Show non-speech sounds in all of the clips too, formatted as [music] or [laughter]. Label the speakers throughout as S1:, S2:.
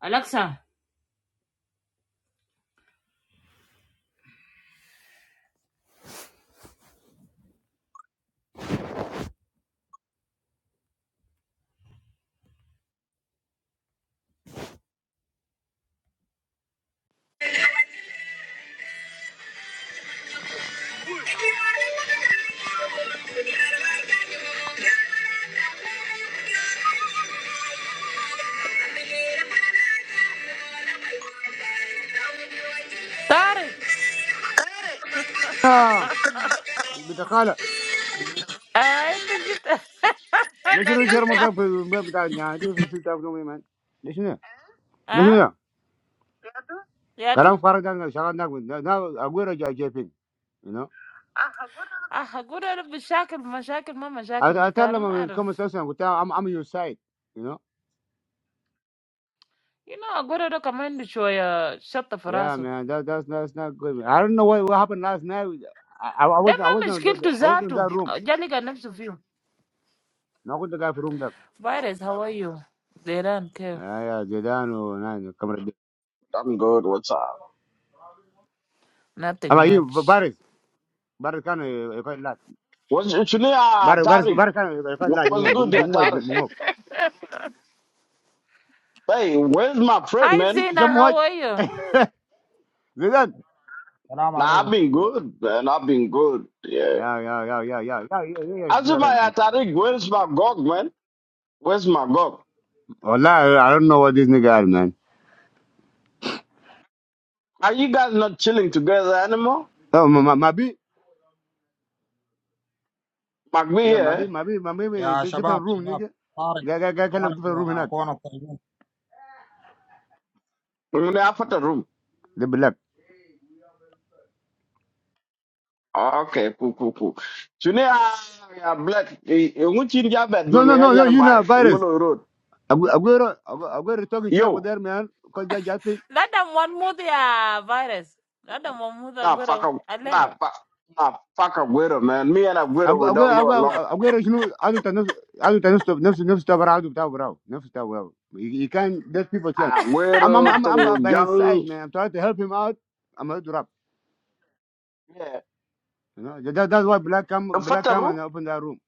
S1: Alexa,
S2: Get
S1: sorry.
S3: Yeah,
S2: it!
S3: we talk a lot.
S1: I think it's that.
S3: Let's just share
S1: That's
S3: my
S1: my.
S3: stuff with my partner. This is just a good man. This one, this
S1: Ah,
S3: one.
S1: yeah, too.
S3: Karang Faridang, I'm not good. I'm good at jacking. You know,
S1: Ah, how good are the problems, my problems, my
S3: I
S1: problems,
S3: I
S1: but
S3: tell
S1: I
S3: them
S1: don't
S3: I'm
S1: know.
S3: come and say something. I'm on your side. You know,
S1: You know, I go to do command to show ya shut the
S3: yeah,
S1: furnace.
S3: man, that that's that's not good. I don't know what what happened last night. I
S1: Then
S3: wasn't, I
S1: I'm a
S3: wasn't,
S1: skill to
S3: I wasn't
S1: that
S3: in
S1: too.
S3: that room.
S1: Jali ganetsu view.
S3: No, I'm not in that room. That.
S1: Virus, how are you? Zeran, kev,
S3: Yeah, they don't know. Come ready.
S4: I'm good. What's up?
S1: nothing
S3: I'm like you,
S1: much.
S3: Boris. Boris can't.
S4: What's actually, uh,
S3: Boris, Boris,
S4: Tariq?
S3: Boris can't. You can't
S4: wha-
S3: lie to me.
S4: What's
S3: Do
S4: good,
S3: you
S4: yeah,
S3: want to
S4: Tariq?
S3: move?
S4: Hey, where's my friend,
S1: Hi
S4: man?
S1: Zena,
S3: Come on,
S1: how are you?
S3: Vivian.
S4: Nah, I've
S5: Assalamualaikum.
S4: been good, man. I've been good. Yeah.
S3: Yeah, yeah, yeah, yeah, yeah, yeah, yeah, yeah, yeah,
S4: As if
S3: better,
S4: I
S3: man.
S4: had Tariq, where's my Gog, man? Where's my Gog?
S3: Wallah, I don't know what this nigga had, man.
S4: Are you guys not chilling together anymore?
S3: Oh, ma, ma, ma,
S4: McBee
S3: yeah,
S4: here. eh?
S3: maybe, maybe, maybe, be,
S5: Ya,
S3: di-
S5: shabab,
S3: different room,
S5: shabab.
S3: nigga.
S5: Tarik,
S3: Guy, guy, guy, kind of
S5: tarik.
S3: different room,
S5: Wah,
S3: not
S5: kau nukain.
S4: We're gonna have a room.
S3: the black.
S4: Okay, cool, cool, cool. Actually, uh, yeah, Black. eh, eh, ngu chin ja bet
S3: No,
S4: dong,
S3: no,
S4: eh,
S3: no, no,
S4: nyan
S3: you
S4: bai,
S3: know,
S4: ngu
S3: virus.
S4: lo road.
S3: Agu- Aguero, Agu- Aguero talking shit over
S4: Yo,
S3: there, man. Cause just, just think,
S1: That I'm one more the virus. That I'm one more the
S4: nah,
S1: good
S4: fuck
S1: oh
S4: up.
S1: alert.
S4: Nah,
S3: yeah.
S4: fuck. Nah, fuck Aguero, man. Me and Aguero,
S3: Agu-
S4: we
S3: Aguero,
S4: don't go along
S3: Aguero, Aguero, you know, I don't know, I don't know, no, no, stop, around, don't stop, around, no, stop, well, he he can't, there's people chance. I'm, I'm,
S4: Agüero,
S3: I'm,
S4: Tongo
S3: I'm by his side,
S4: Yang,
S3: man. I'm trying to help him out. I'm gonna drop.
S4: yeah.
S3: You know, that, that's why black come
S4: And
S3: black
S4: Fatta
S3: come
S4: Room,
S3: and open that room.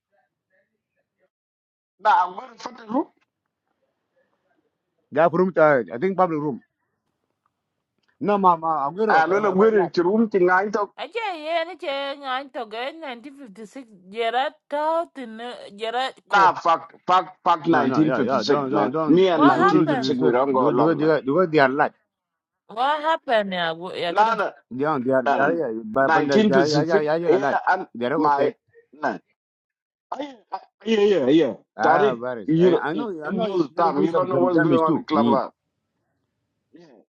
S4: na Agüero Fatta Room,
S3: That room, uh, I think public room. No, ma, ma, Aguero,
S4: and when
S3: I, I got light.
S4: Agüero to Room, thing I talk,
S1: Aje yen che ngan to go 1956 Gerard Tauten Gerard
S4: nah,
S1: ko.
S4: fuck, fuck, fuck
S3: No, no, yeah, yeah. Don't,
S4: 1956,
S3: don't,
S4: man.
S3: don't.
S4: Me and
S3: Do,
S1: What
S3: do, do, do
S1: happened?
S4: 1956, we
S3: respect.
S4: don't go
S3: Do, do,
S4: along, man.
S3: do, do. They are light.
S1: What happened ya wo- ya kada?
S4: Nah, nah,
S3: Yeah, they are,
S4: nah,
S3: they are.
S4: nah.
S3: Yeah, but when they, they, they,
S4: 1956,
S3: they, they are
S4: yeah,
S3: light.
S4: and
S3: They are good
S4: my,
S3: take.
S4: nah. I, I, yeah, yeah, yeah.
S3: Ah,
S4: Tariq,
S3: virus.
S4: you
S3: I,
S4: know,
S3: I know,
S4: it-
S3: I
S4: it
S3: know.
S4: most of
S3: You
S4: the
S3: gotta
S4: time,
S3: do
S4: you
S3: some
S4: don't know
S3: dam-
S4: what's going
S3: damage
S4: on in
S3: too.
S4: Club
S3: In,
S4: Lab. Yeah,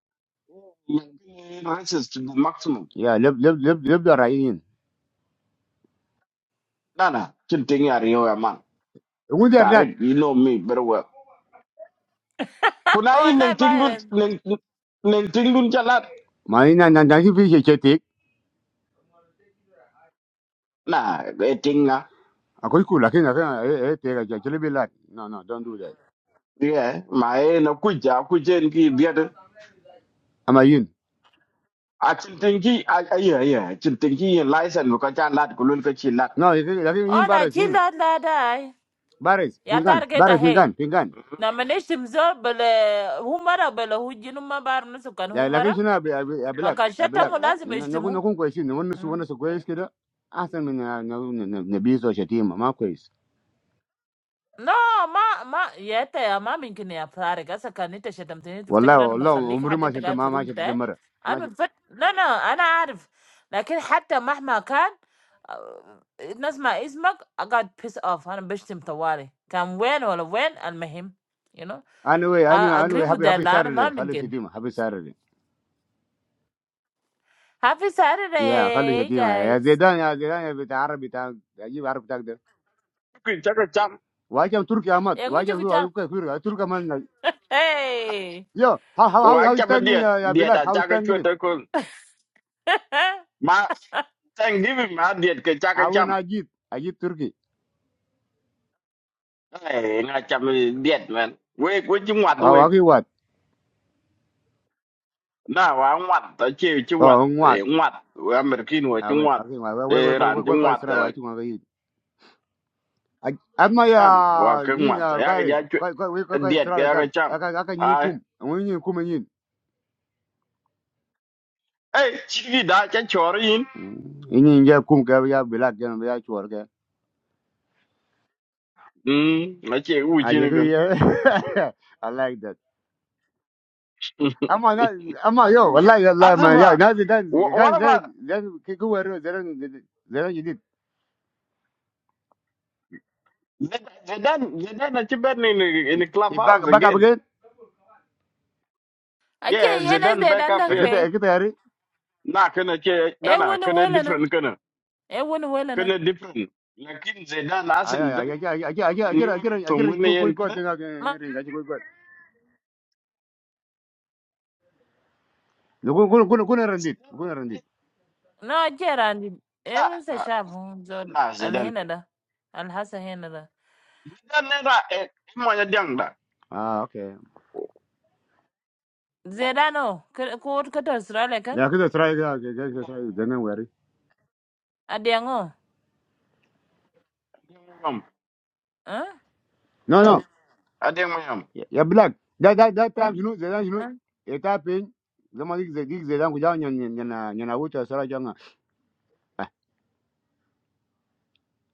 S4: yeah. Racist to the maximum.
S3: yeah, live, live, live, live the right in.
S4: Nah, nah, you think You're Chin are yeah, man.
S3: When they are light,
S4: Tariq, you know me very well.
S1: [laughs]
S4: kuna hii neng
S1: Wallahi
S4: ting dun
S1: Byron.
S4: neng neng ting dun chalat
S3: ma, ina, na, na, si fish take.
S4: na e ting nga
S3: Ako iku, lakin, lakin, eh, eh, eh, take. Actually, be light. No, no, don't do that.
S4: ye ma e na ku ja ku jen ki biet
S3: Am I in?
S4: a chin ting ki a a ye ye chin ting ki ye license bu ka cha lat ku lun ka chi lat
S3: No, lakin, lakin, you
S1: Ona
S3: embarrassing.
S1: jilla la [laughs] dai.
S3: Baris,
S1: Ya
S3: pingan,
S1: targeta
S3: baris,
S1: hey.
S3: pingan, pingan.
S1: Na maneshi mzo bele humara bele hujinu mabar nusu kan
S3: Ya,
S1: humara.
S3: lakini shina abi abi abilak,
S1: Makashata
S4: Eh,
S3: abilak.
S1: mu
S4: eh,
S1: lazima
S3: Nakun
S1: ishtimu.
S3: nakun kwezi, nakun nusu
S1: Hmm.
S3: wana su kwezi kida. Asan min na na na na bizo shatima ma kwezi.
S1: No, ma ma. Yet, ma, ma, ma. Impossible. Saturday, guys. Can't eat a shit. I'm telling you. If they come,
S3: Wallah,
S1: I'm gonna
S3: wallah,
S1: kill you. Even
S3: umri
S1: if
S3: ma
S1: they
S3: shanta
S1: come to the
S3: ma ma
S1: room,
S3: shanta
S1: okay?
S3: mara. Ma
S1: I'm. No, no. I know. I know. But even if I'm not here, uh, it doesn't matter. I got pissed off. I'm not going to tolerate. Because when or when is important. You know.
S3: anyway, anyway,
S1: I agree
S3: anyway,
S1: with
S3: happy
S1: that.
S3: happy
S1: No, I'm
S3: Saturday.
S1: not
S3: Khalu
S1: possible.
S3: shatima, happy Saturday.
S1: Happy
S3: Ya, khalu
S1: Saturday,
S3: shatima. Ya
S1: guys.
S3: Zaidan, ya Zaidan, ya bita Arabi ta, ajib Arabi ta kida.
S4: ku cha ka cham
S3: Wajam Turki amat,
S1: I'm going to go
S3: wajam
S1: to
S3: tu
S1: church.
S3: ayuka kira, Turki amat.
S1: Hey.
S3: Yo, how how how
S4: wa
S3: how is
S4: cha ma
S3: Thanksgiving
S4: diet
S3: ya ya
S4: diet
S3: Bilak?
S4: a
S3: How is
S4: cha ka chue
S3: Thanksgiving?
S1: [laughs]
S4: ma thanksgiving ma diet ka cha ka
S3: Awen
S4: cham
S3: ajit, ajit Turki.
S4: ai nga cham diet man we ku chi wat
S3: Ah,
S4: we
S3: wagi
S4: na wa wat ta chi chi wat eh, wat wa mer kin wa chi wat เออร้านจังหวัด nan wa ke mat ya ga ja diet ga ya ga chang hey. ei chi gi da cha chor yin mm na che u chi ne gan asba [laughs] what about Zid- Zidane Zidane na chi ben in the- in the clubhouse again yeah
S1: Okay. Yeah. Nice
S4: Zidane
S1: day.
S4: back up
S1: Dandan.
S4: here
S1: Hey.
S4: na kana che na na
S1: When?
S4: kana
S1: When?
S4: different kana
S1: When?
S4: kana different lakin Zidane asel da in your tongue ne yen kana
S1: When?
S3: Go go go go and it. Go and
S4: Zidane eh,
S3: it.
S1: لا جير عندي
S4: na
S1: لسه
S4: na
S1: شاب زول
S4: na Zidane
S1: الهنا ده الحسن هنا ده
S4: Zidane ne na eh, mo ya dang da
S3: Ah, okay.
S4: Yeah,
S1: زيدانو كود كتر استراليا كان
S3: Yeah, could try it. Yeah, could try it.
S4: yeah.
S3: Don't worry.
S1: اديانو
S4: Ademwam.
S1: ها
S3: No, Uh, no.
S4: Ademwam.
S3: Yeah, yeah, black. That that that time you know, that time you know, it happened. The money the gig the language down yan yan yan yan out as I jang.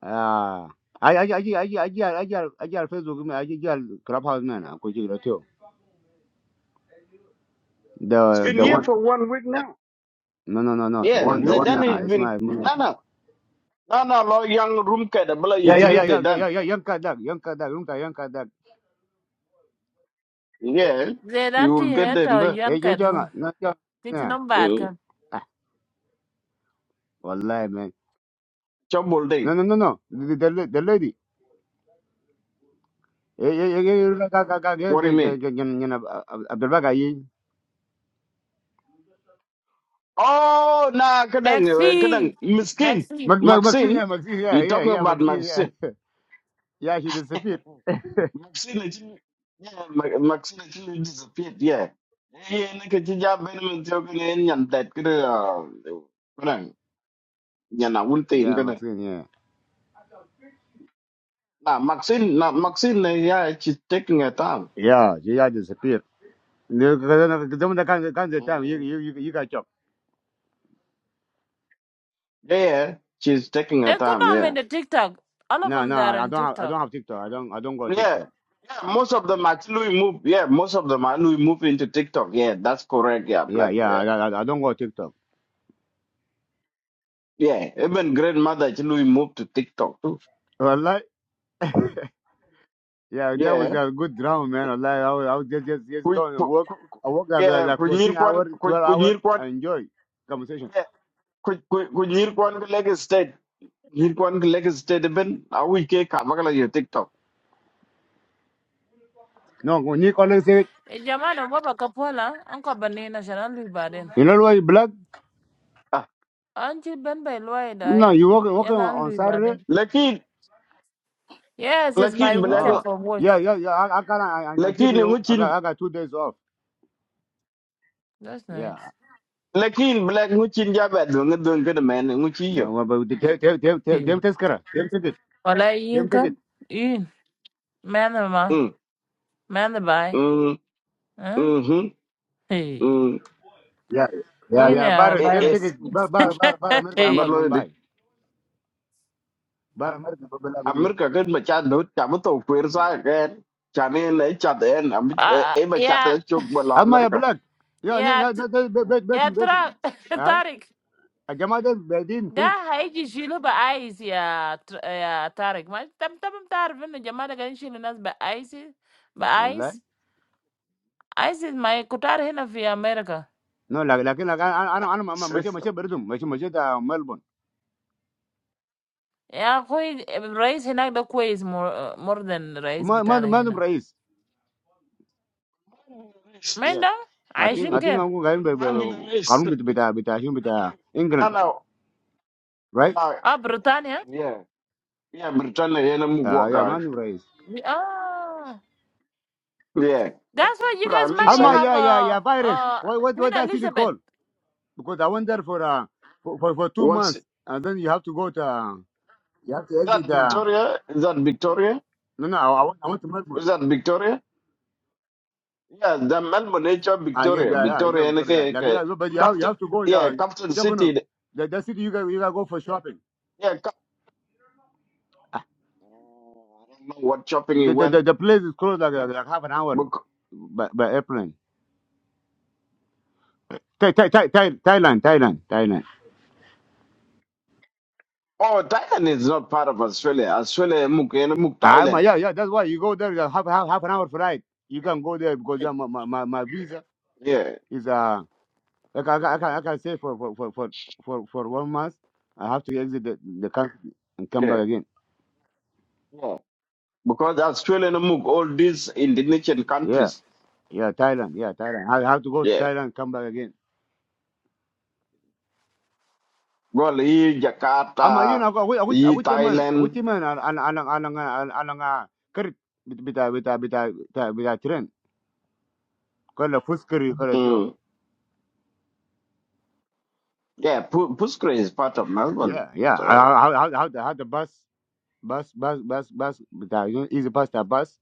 S3: Ah. I I I I I I I I I, Facebook me I I clubhouse man ko ji rato
S4: It's
S3: the
S4: been
S3: the
S4: here
S3: one
S4: for one week now.
S3: no no no no the
S4: Yeah,
S3: one the
S4: the
S3: one
S4: done
S3: uh,
S4: has
S3: is
S4: been
S3: my
S4: no no no no law young room cat but
S3: yeah
S4: it's
S3: yeah yeah
S4: they
S3: yeah yeah
S4: done.
S3: yeah young kadak young kadak young kadak young kadak
S4: Yeah. You
S1: زيدان تي
S4: will get them
S1: هتا
S4: the
S3: eh
S1: يان
S3: you jang
S1: كدروم
S3: no jang
S1: تيجي
S3: yeah
S1: نمبر
S4: uh,
S1: كان
S4: trouble thing.
S3: No, no, no, no. The, the, the lady.
S4: What do you mean?
S3: Abdelbaga, ye.
S4: Oh nah kadang
S1: ماكسي
S4: eh, kadang miskin.
S1: ماكسي
S3: Mag, mag, Maxine,
S4: Maxine.
S3: yeah, Maxine, yeah,
S4: You
S3: yeah,
S4: talking
S3: yeah,
S4: about
S3: Maxine, yeah.
S4: Maxine.
S3: Yeah, she
S4: [laughs]
S3: disappeared.
S4: Maxine actually yeah, Ma- Maxine actually disappeared, yeah. Yeah, yeah, na ka yan yan dat ah, nhà nào quân tin
S3: Yeah,
S4: cái này
S3: Maxine, yeah.
S4: now Maxine now Maxine này yeah she's taking her time
S3: Yeah, she yeah, disappeared. The the the- the kind of kind of time you
S4: Mm,
S3: you you you got chopped.
S4: yeah she's taking
S1: they
S4: her
S1: could
S4: time
S1: not
S4: yeah
S1: make the TikTok. All of
S3: No,
S1: them
S3: no,
S1: they are
S3: I
S1: in
S3: don't have I
S1: TikTok.
S3: don't have TikTok. I don't I don't go
S4: yeah
S3: TikTok.
S4: yeah most of them actually move yeah most of them actually move into TikTok yeah that's correct yeah
S3: Yeah,
S4: black
S3: yeah,
S4: yeah
S3: I I, I don't go TikTok.
S4: yeah even grandmother actually moved to TikTok too
S3: Allah, yeah, that was
S4: yeah
S3: a good drama, man. Allah, I was, I was just just just
S4: Ku-
S3: going to
S4: ku-
S3: work.
S4: ku- ku-
S3: I work like like,
S4: yeah
S3: like fourteen
S4: kunyirkwan
S3: hour, twelve hour.
S4: kunyirkwan
S3: I enjoy conversation.
S4: yeah kunyirkwan Lagos State kunyirkwan Lagos State even awi ke kamakala yo TikTok
S3: No, when you call it, say,
S1: E Jamana baba kapola anko banina shalan lui baden.
S3: you know why black?
S4: ah
S1: Anchi ben by loi
S3: No,
S1: dai
S3: you work working on
S1: yalan lui
S3: Saturday.
S1: baden.
S4: Like
S1: Yes, it's my
S4: lakin black
S1: weekend
S3: Ah,
S1: for work.
S3: yeah, yeah, yeah. I, I can I, I can hear
S4: lakin
S3: you. I got
S4: nguchin
S3: I got two days off.
S1: That's
S3: Yeah,
S1: nice.
S4: lakin black nguchin ja bad do ngadon kada man nguchi yo
S3: No, well, but the- them them them them
S1: [laughs]
S3: them take care. Them take it.
S1: Wala yin
S3: Them take it.
S1: kan? Yin. Mena ma.
S4: mm
S1: Mena bai.
S4: mm
S1: Huh?
S4: mhm
S1: Hey.
S4: mm
S3: Yeah, yeah,
S1: Yin
S3: yeah.
S1: ya
S3: Bar
S4: e
S3: them take
S4: e
S1: virus.
S3: it. Bar bar bar bar America. I'm not
S1: Hey.
S3: man
S4: ballo de
S3: buy. Bar America. but Black on you.
S4: amerika kan ma cha do cha mo to kwer sa kan cha ne le cha den am
S1: Ah, ah,
S4: e ma cha te
S1: Ya,
S4: chok bala
S3: I'm my
S4: amerika
S3: black. Yeah, no,
S1: ya,
S3: no,
S1: t-
S3: no. Bet bet bet
S1: ya,
S3: bet.
S1: tra, [laughs]
S3: Aye.
S1: Tarik.
S3: الجماعة دي بادين
S1: Da
S3: فيك
S1: haiji shilu ba ais ya, tr- ya Tarik. Ma, tam tam tarif innu jamana kan shilu nas ba ais, ba
S3: والله
S1: ais. ISIS ma kutar hina fi America.
S3: نو لكن لكن انا انا انا ماشي ماشي بردهم ماشي ماشي ده ملبون
S1: Ya koi rais hinak da kwais more, more than rais
S3: وما ما
S1: bitana
S3: ما عندهم
S1: hina.
S3: رئيس
S1: Menda?
S3: I think
S1: Aishin
S3: I think
S1: kem?
S3: I'm going
S4: man in
S3: to
S4: race
S3: Karun bit bit bit him bit
S4: na
S3: England,
S4: na
S3: right?
S4: na
S1: Ah, Britania?
S4: yeah yeah britannia yana mugwa
S3: Uh,
S4: ka
S3: yeah, man, race.
S1: Ah,
S4: yeah Eh, eh,
S1: that's why you
S4: prime
S1: guys might
S4: minister
S3: Alma,
S1: have a
S3: yeah, yeah, yeah,
S1: uh,
S3: virus.
S1: uh,
S3: What what
S1: Queen
S3: what that city
S1: Elizabeth.
S3: called? Because I went there for uh for, for, for two
S4: what's
S3: months, and then you have to go to uh, you have to
S4: Is that
S3: exit. Uh,
S4: Victoria? Is that Victoria?
S3: no, no, I, I went I want to
S4: Is
S3: Melbourne.
S4: that Victoria? Yeah, the Melbourne nature
S3: Ah, yeah,
S4: Victoria.
S3: yeah, yeah, yeah,
S4: Victoria and
S3: Victoria.
S4: okay,
S3: Yeah. Like
S4: okay.
S3: yeah, but you have you
S4: Capital
S3: have to go.
S4: yeah,
S3: Yeah,
S4: capital
S3: you're gonna
S4: city.
S3: the, the city you got you got to go for shopping.
S4: Yeah, cap- I don't know what shopping he
S3: The, the
S4: went.
S3: the the place is closed like uh, like half an hour
S4: But,
S3: by by airplane. Thai Thai Thai Thai- Thailand Thailand Thailand.
S4: oh Thailand is not part of Australia. Australia Muk and Muk
S3: Ah, my
S4: Thailand.
S3: yeah yeah. That's why you go there. uh, Half half half an hour flight. You can go there because uh, my, my my my visa
S4: Yeah.
S3: is uh. I can I can,
S4: Mm,
S3: I can say for for for for for for one month. I have to exit the, the country and come back
S4: Yeah.
S3: again.
S4: Yeah. Because Australia and Muk all these Indonesian
S3: Yeah
S4: countries.
S3: yeah Thailand yeah Thailand. I have to go to
S4: Yeah.
S3: Thailand come back again.
S4: Well he
S3: I'm a, you
S4: Jakarta,
S3: know with with
S4: he
S3: with the man with
S4: Thailand.
S3: the man and and and and and and and and كرت بتاع بتاع بتاع بتاع بتاع ترين كله فوس كري كله جو
S4: Mm. Yeah, Pu- Puskere is part of Melbourne.
S3: yeah yeah I
S4: so.
S3: I I I had the bus bus, bus, bus, bus, but I don't easy bus that bus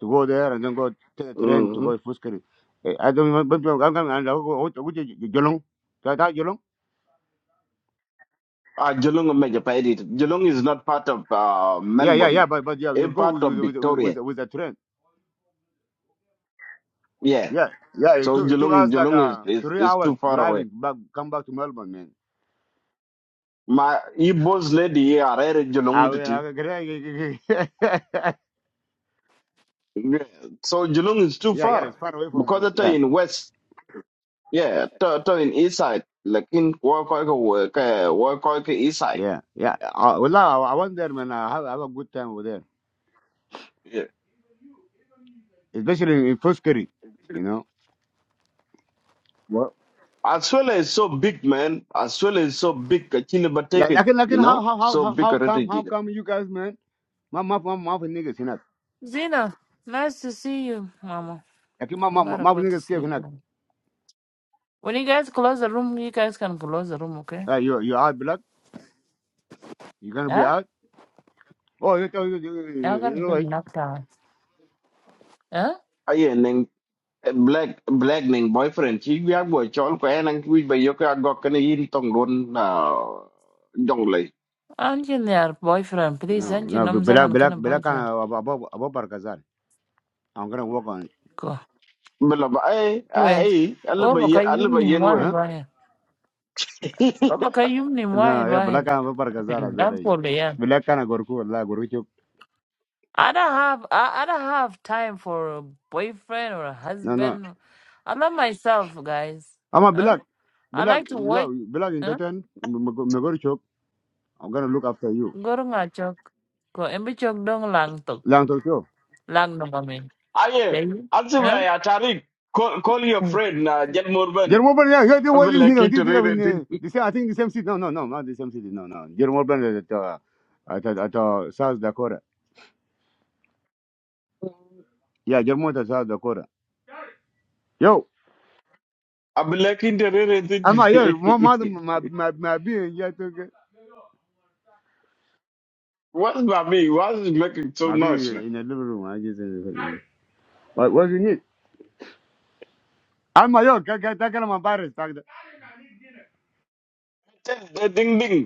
S3: to go there and then go take the train to
S4: Mm-hmm.
S3: go to Fuskari. Eh, I don't remember, but I'm coming and I'll go to Jolong. That that Jolong?
S4: Uh, Geelong, may Japan it. Geelong is not part of uh,
S3: Yeah, yeah, yeah,
S4: Melbourne,
S3: but but yeah,
S4: a
S3: you go
S4: part
S3: with
S4: of
S3: with with, with,
S4: Victoria.
S3: with the train.
S4: Yeah.
S3: Yeah, yeah, it
S4: So
S3: took it took
S4: Geelong,
S3: us like
S4: Geelong is,
S3: uh,
S4: is,
S3: three
S4: is
S3: hours
S4: too far away.
S3: driving back come back to Melbourne, man.
S4: My Igbos lady are here
S3: I
S4: Geelong. to
S3: will I
S4: tea.
S3: will- [laughs]
S4: Yeah. So Geelong is too
S3: Yeah, yeah,
S4: far
S3: it's far away
S4: because
S3: from
S4: it's
S3: yeah,
S4: in west. Yeah, it's in east side. Like in Wakoika east side.
S3: yeah, yeah. Uh, well, I, I went there, man. I have, I have a good time over there,
S4: Yeah.
S3: especially in Fuskari, you know.
S4: Australia is so big, man. Australia is so big. Chile, but
S3: Like,
S4: take
S3: like,
S4: it,
S3: like, like,
S4: you
S3: how,
S4: know,
S3: how, how,
S4: so
S3: how
S4: big
S3: how
S4: a
S3: come, how
S4: already.
S3: come you guys, man? My, my, my, my niggas, you know.
S1: Zena, nice to see you, Mama.
S3: Like, my,
S1: I
S3: my,
S1: gotta
S3: my
S1: go to
S3: niggas scared,
S1: sleep
S3: you know.
S1: now. When you guys close the room, you guys can close the room, okay?
S3: Like, you, you out, black. You gonna be
S1: Huh?
S3: out. Oh, you, you, you,
S1: I
S3: you, you
S1: gotta
S3: know,
S1: get
S3: like,
S1: knocked out. Huh?
S4: black black ning boyfriend chi wi bo chol ko en ang wi ba yo ka go kan yin tong don na jong lei
S1: Angel, your boyfriend, please.
S3: no,
S1: Angel,
S3: no,
S1: I'm
S3: but black,
S1: zaman
S3: black,
S1: gonna
S3: black, kind
S1: boyfriend.
S3: of above, above Barkazar. I'm gonna work on it.
S1: Go.
S4: bela ba ai ai
S1: Wait.
S4: ai al
S1: Oh,
S4: ba ye
S1: because you
S4: al ba
S1: need
S4: yen
S1: one,
S4: we
S3: Huh?
S1: one.
S4: [laughs]
S1: Oh, because you need
S3: No,
S1: one,
S3: yeah, black
S1: one.
S3: kind of Barkazar, I said,
S1: That's
S3: like,
S1: for [laughs] the
S3: black kind of Gorku, like, Goruchuk.
S1: I don't have I, I don't have time for a boyfriend or a
S3: No, no.
S1: husband. I love myself, guys.
S3: I'm a
S1: Huh?
S3: black,
S1: I
S3: black,
S1: like to work.
S3: yo, black
S1: Huh?
S3: entertain, Goruchuk. I'm gonna look after you.
S1: Go to my chok. Go and be chok dong lang tuk.
S3: Lang
S1: Lang no mami.
S4: ai al se ba
S1: Huh?
S4: ya tarik call call your friend na jel morban
S3: Jerome yeah, you do
S4: i'm
S3: what this thing,
S4: lucky
S3: this
S4: to
S3: thing
S4: read
S3: in
S4: it in.
S3: uh, the same, I think the same city. No, no, no, not the same city. No, no. Jerome Bernard at, uh, at, at, at uh, South Dakota. Yeah, Jerome at South Dakota. Yo,
S4: i'm lucky to read
S3: I'm uh,
S4: it
S3: yeah, my mother, my, my, my being, yeah, took it.
S4: [laughs] what's about me what's making so
S3: My
S4: noise
S3: being
S4: man
S3: in the living room. I just, uh, what, what do you need? I'm uh, yo, that guy, that guy, I'm embarrassed.
S4: ding ding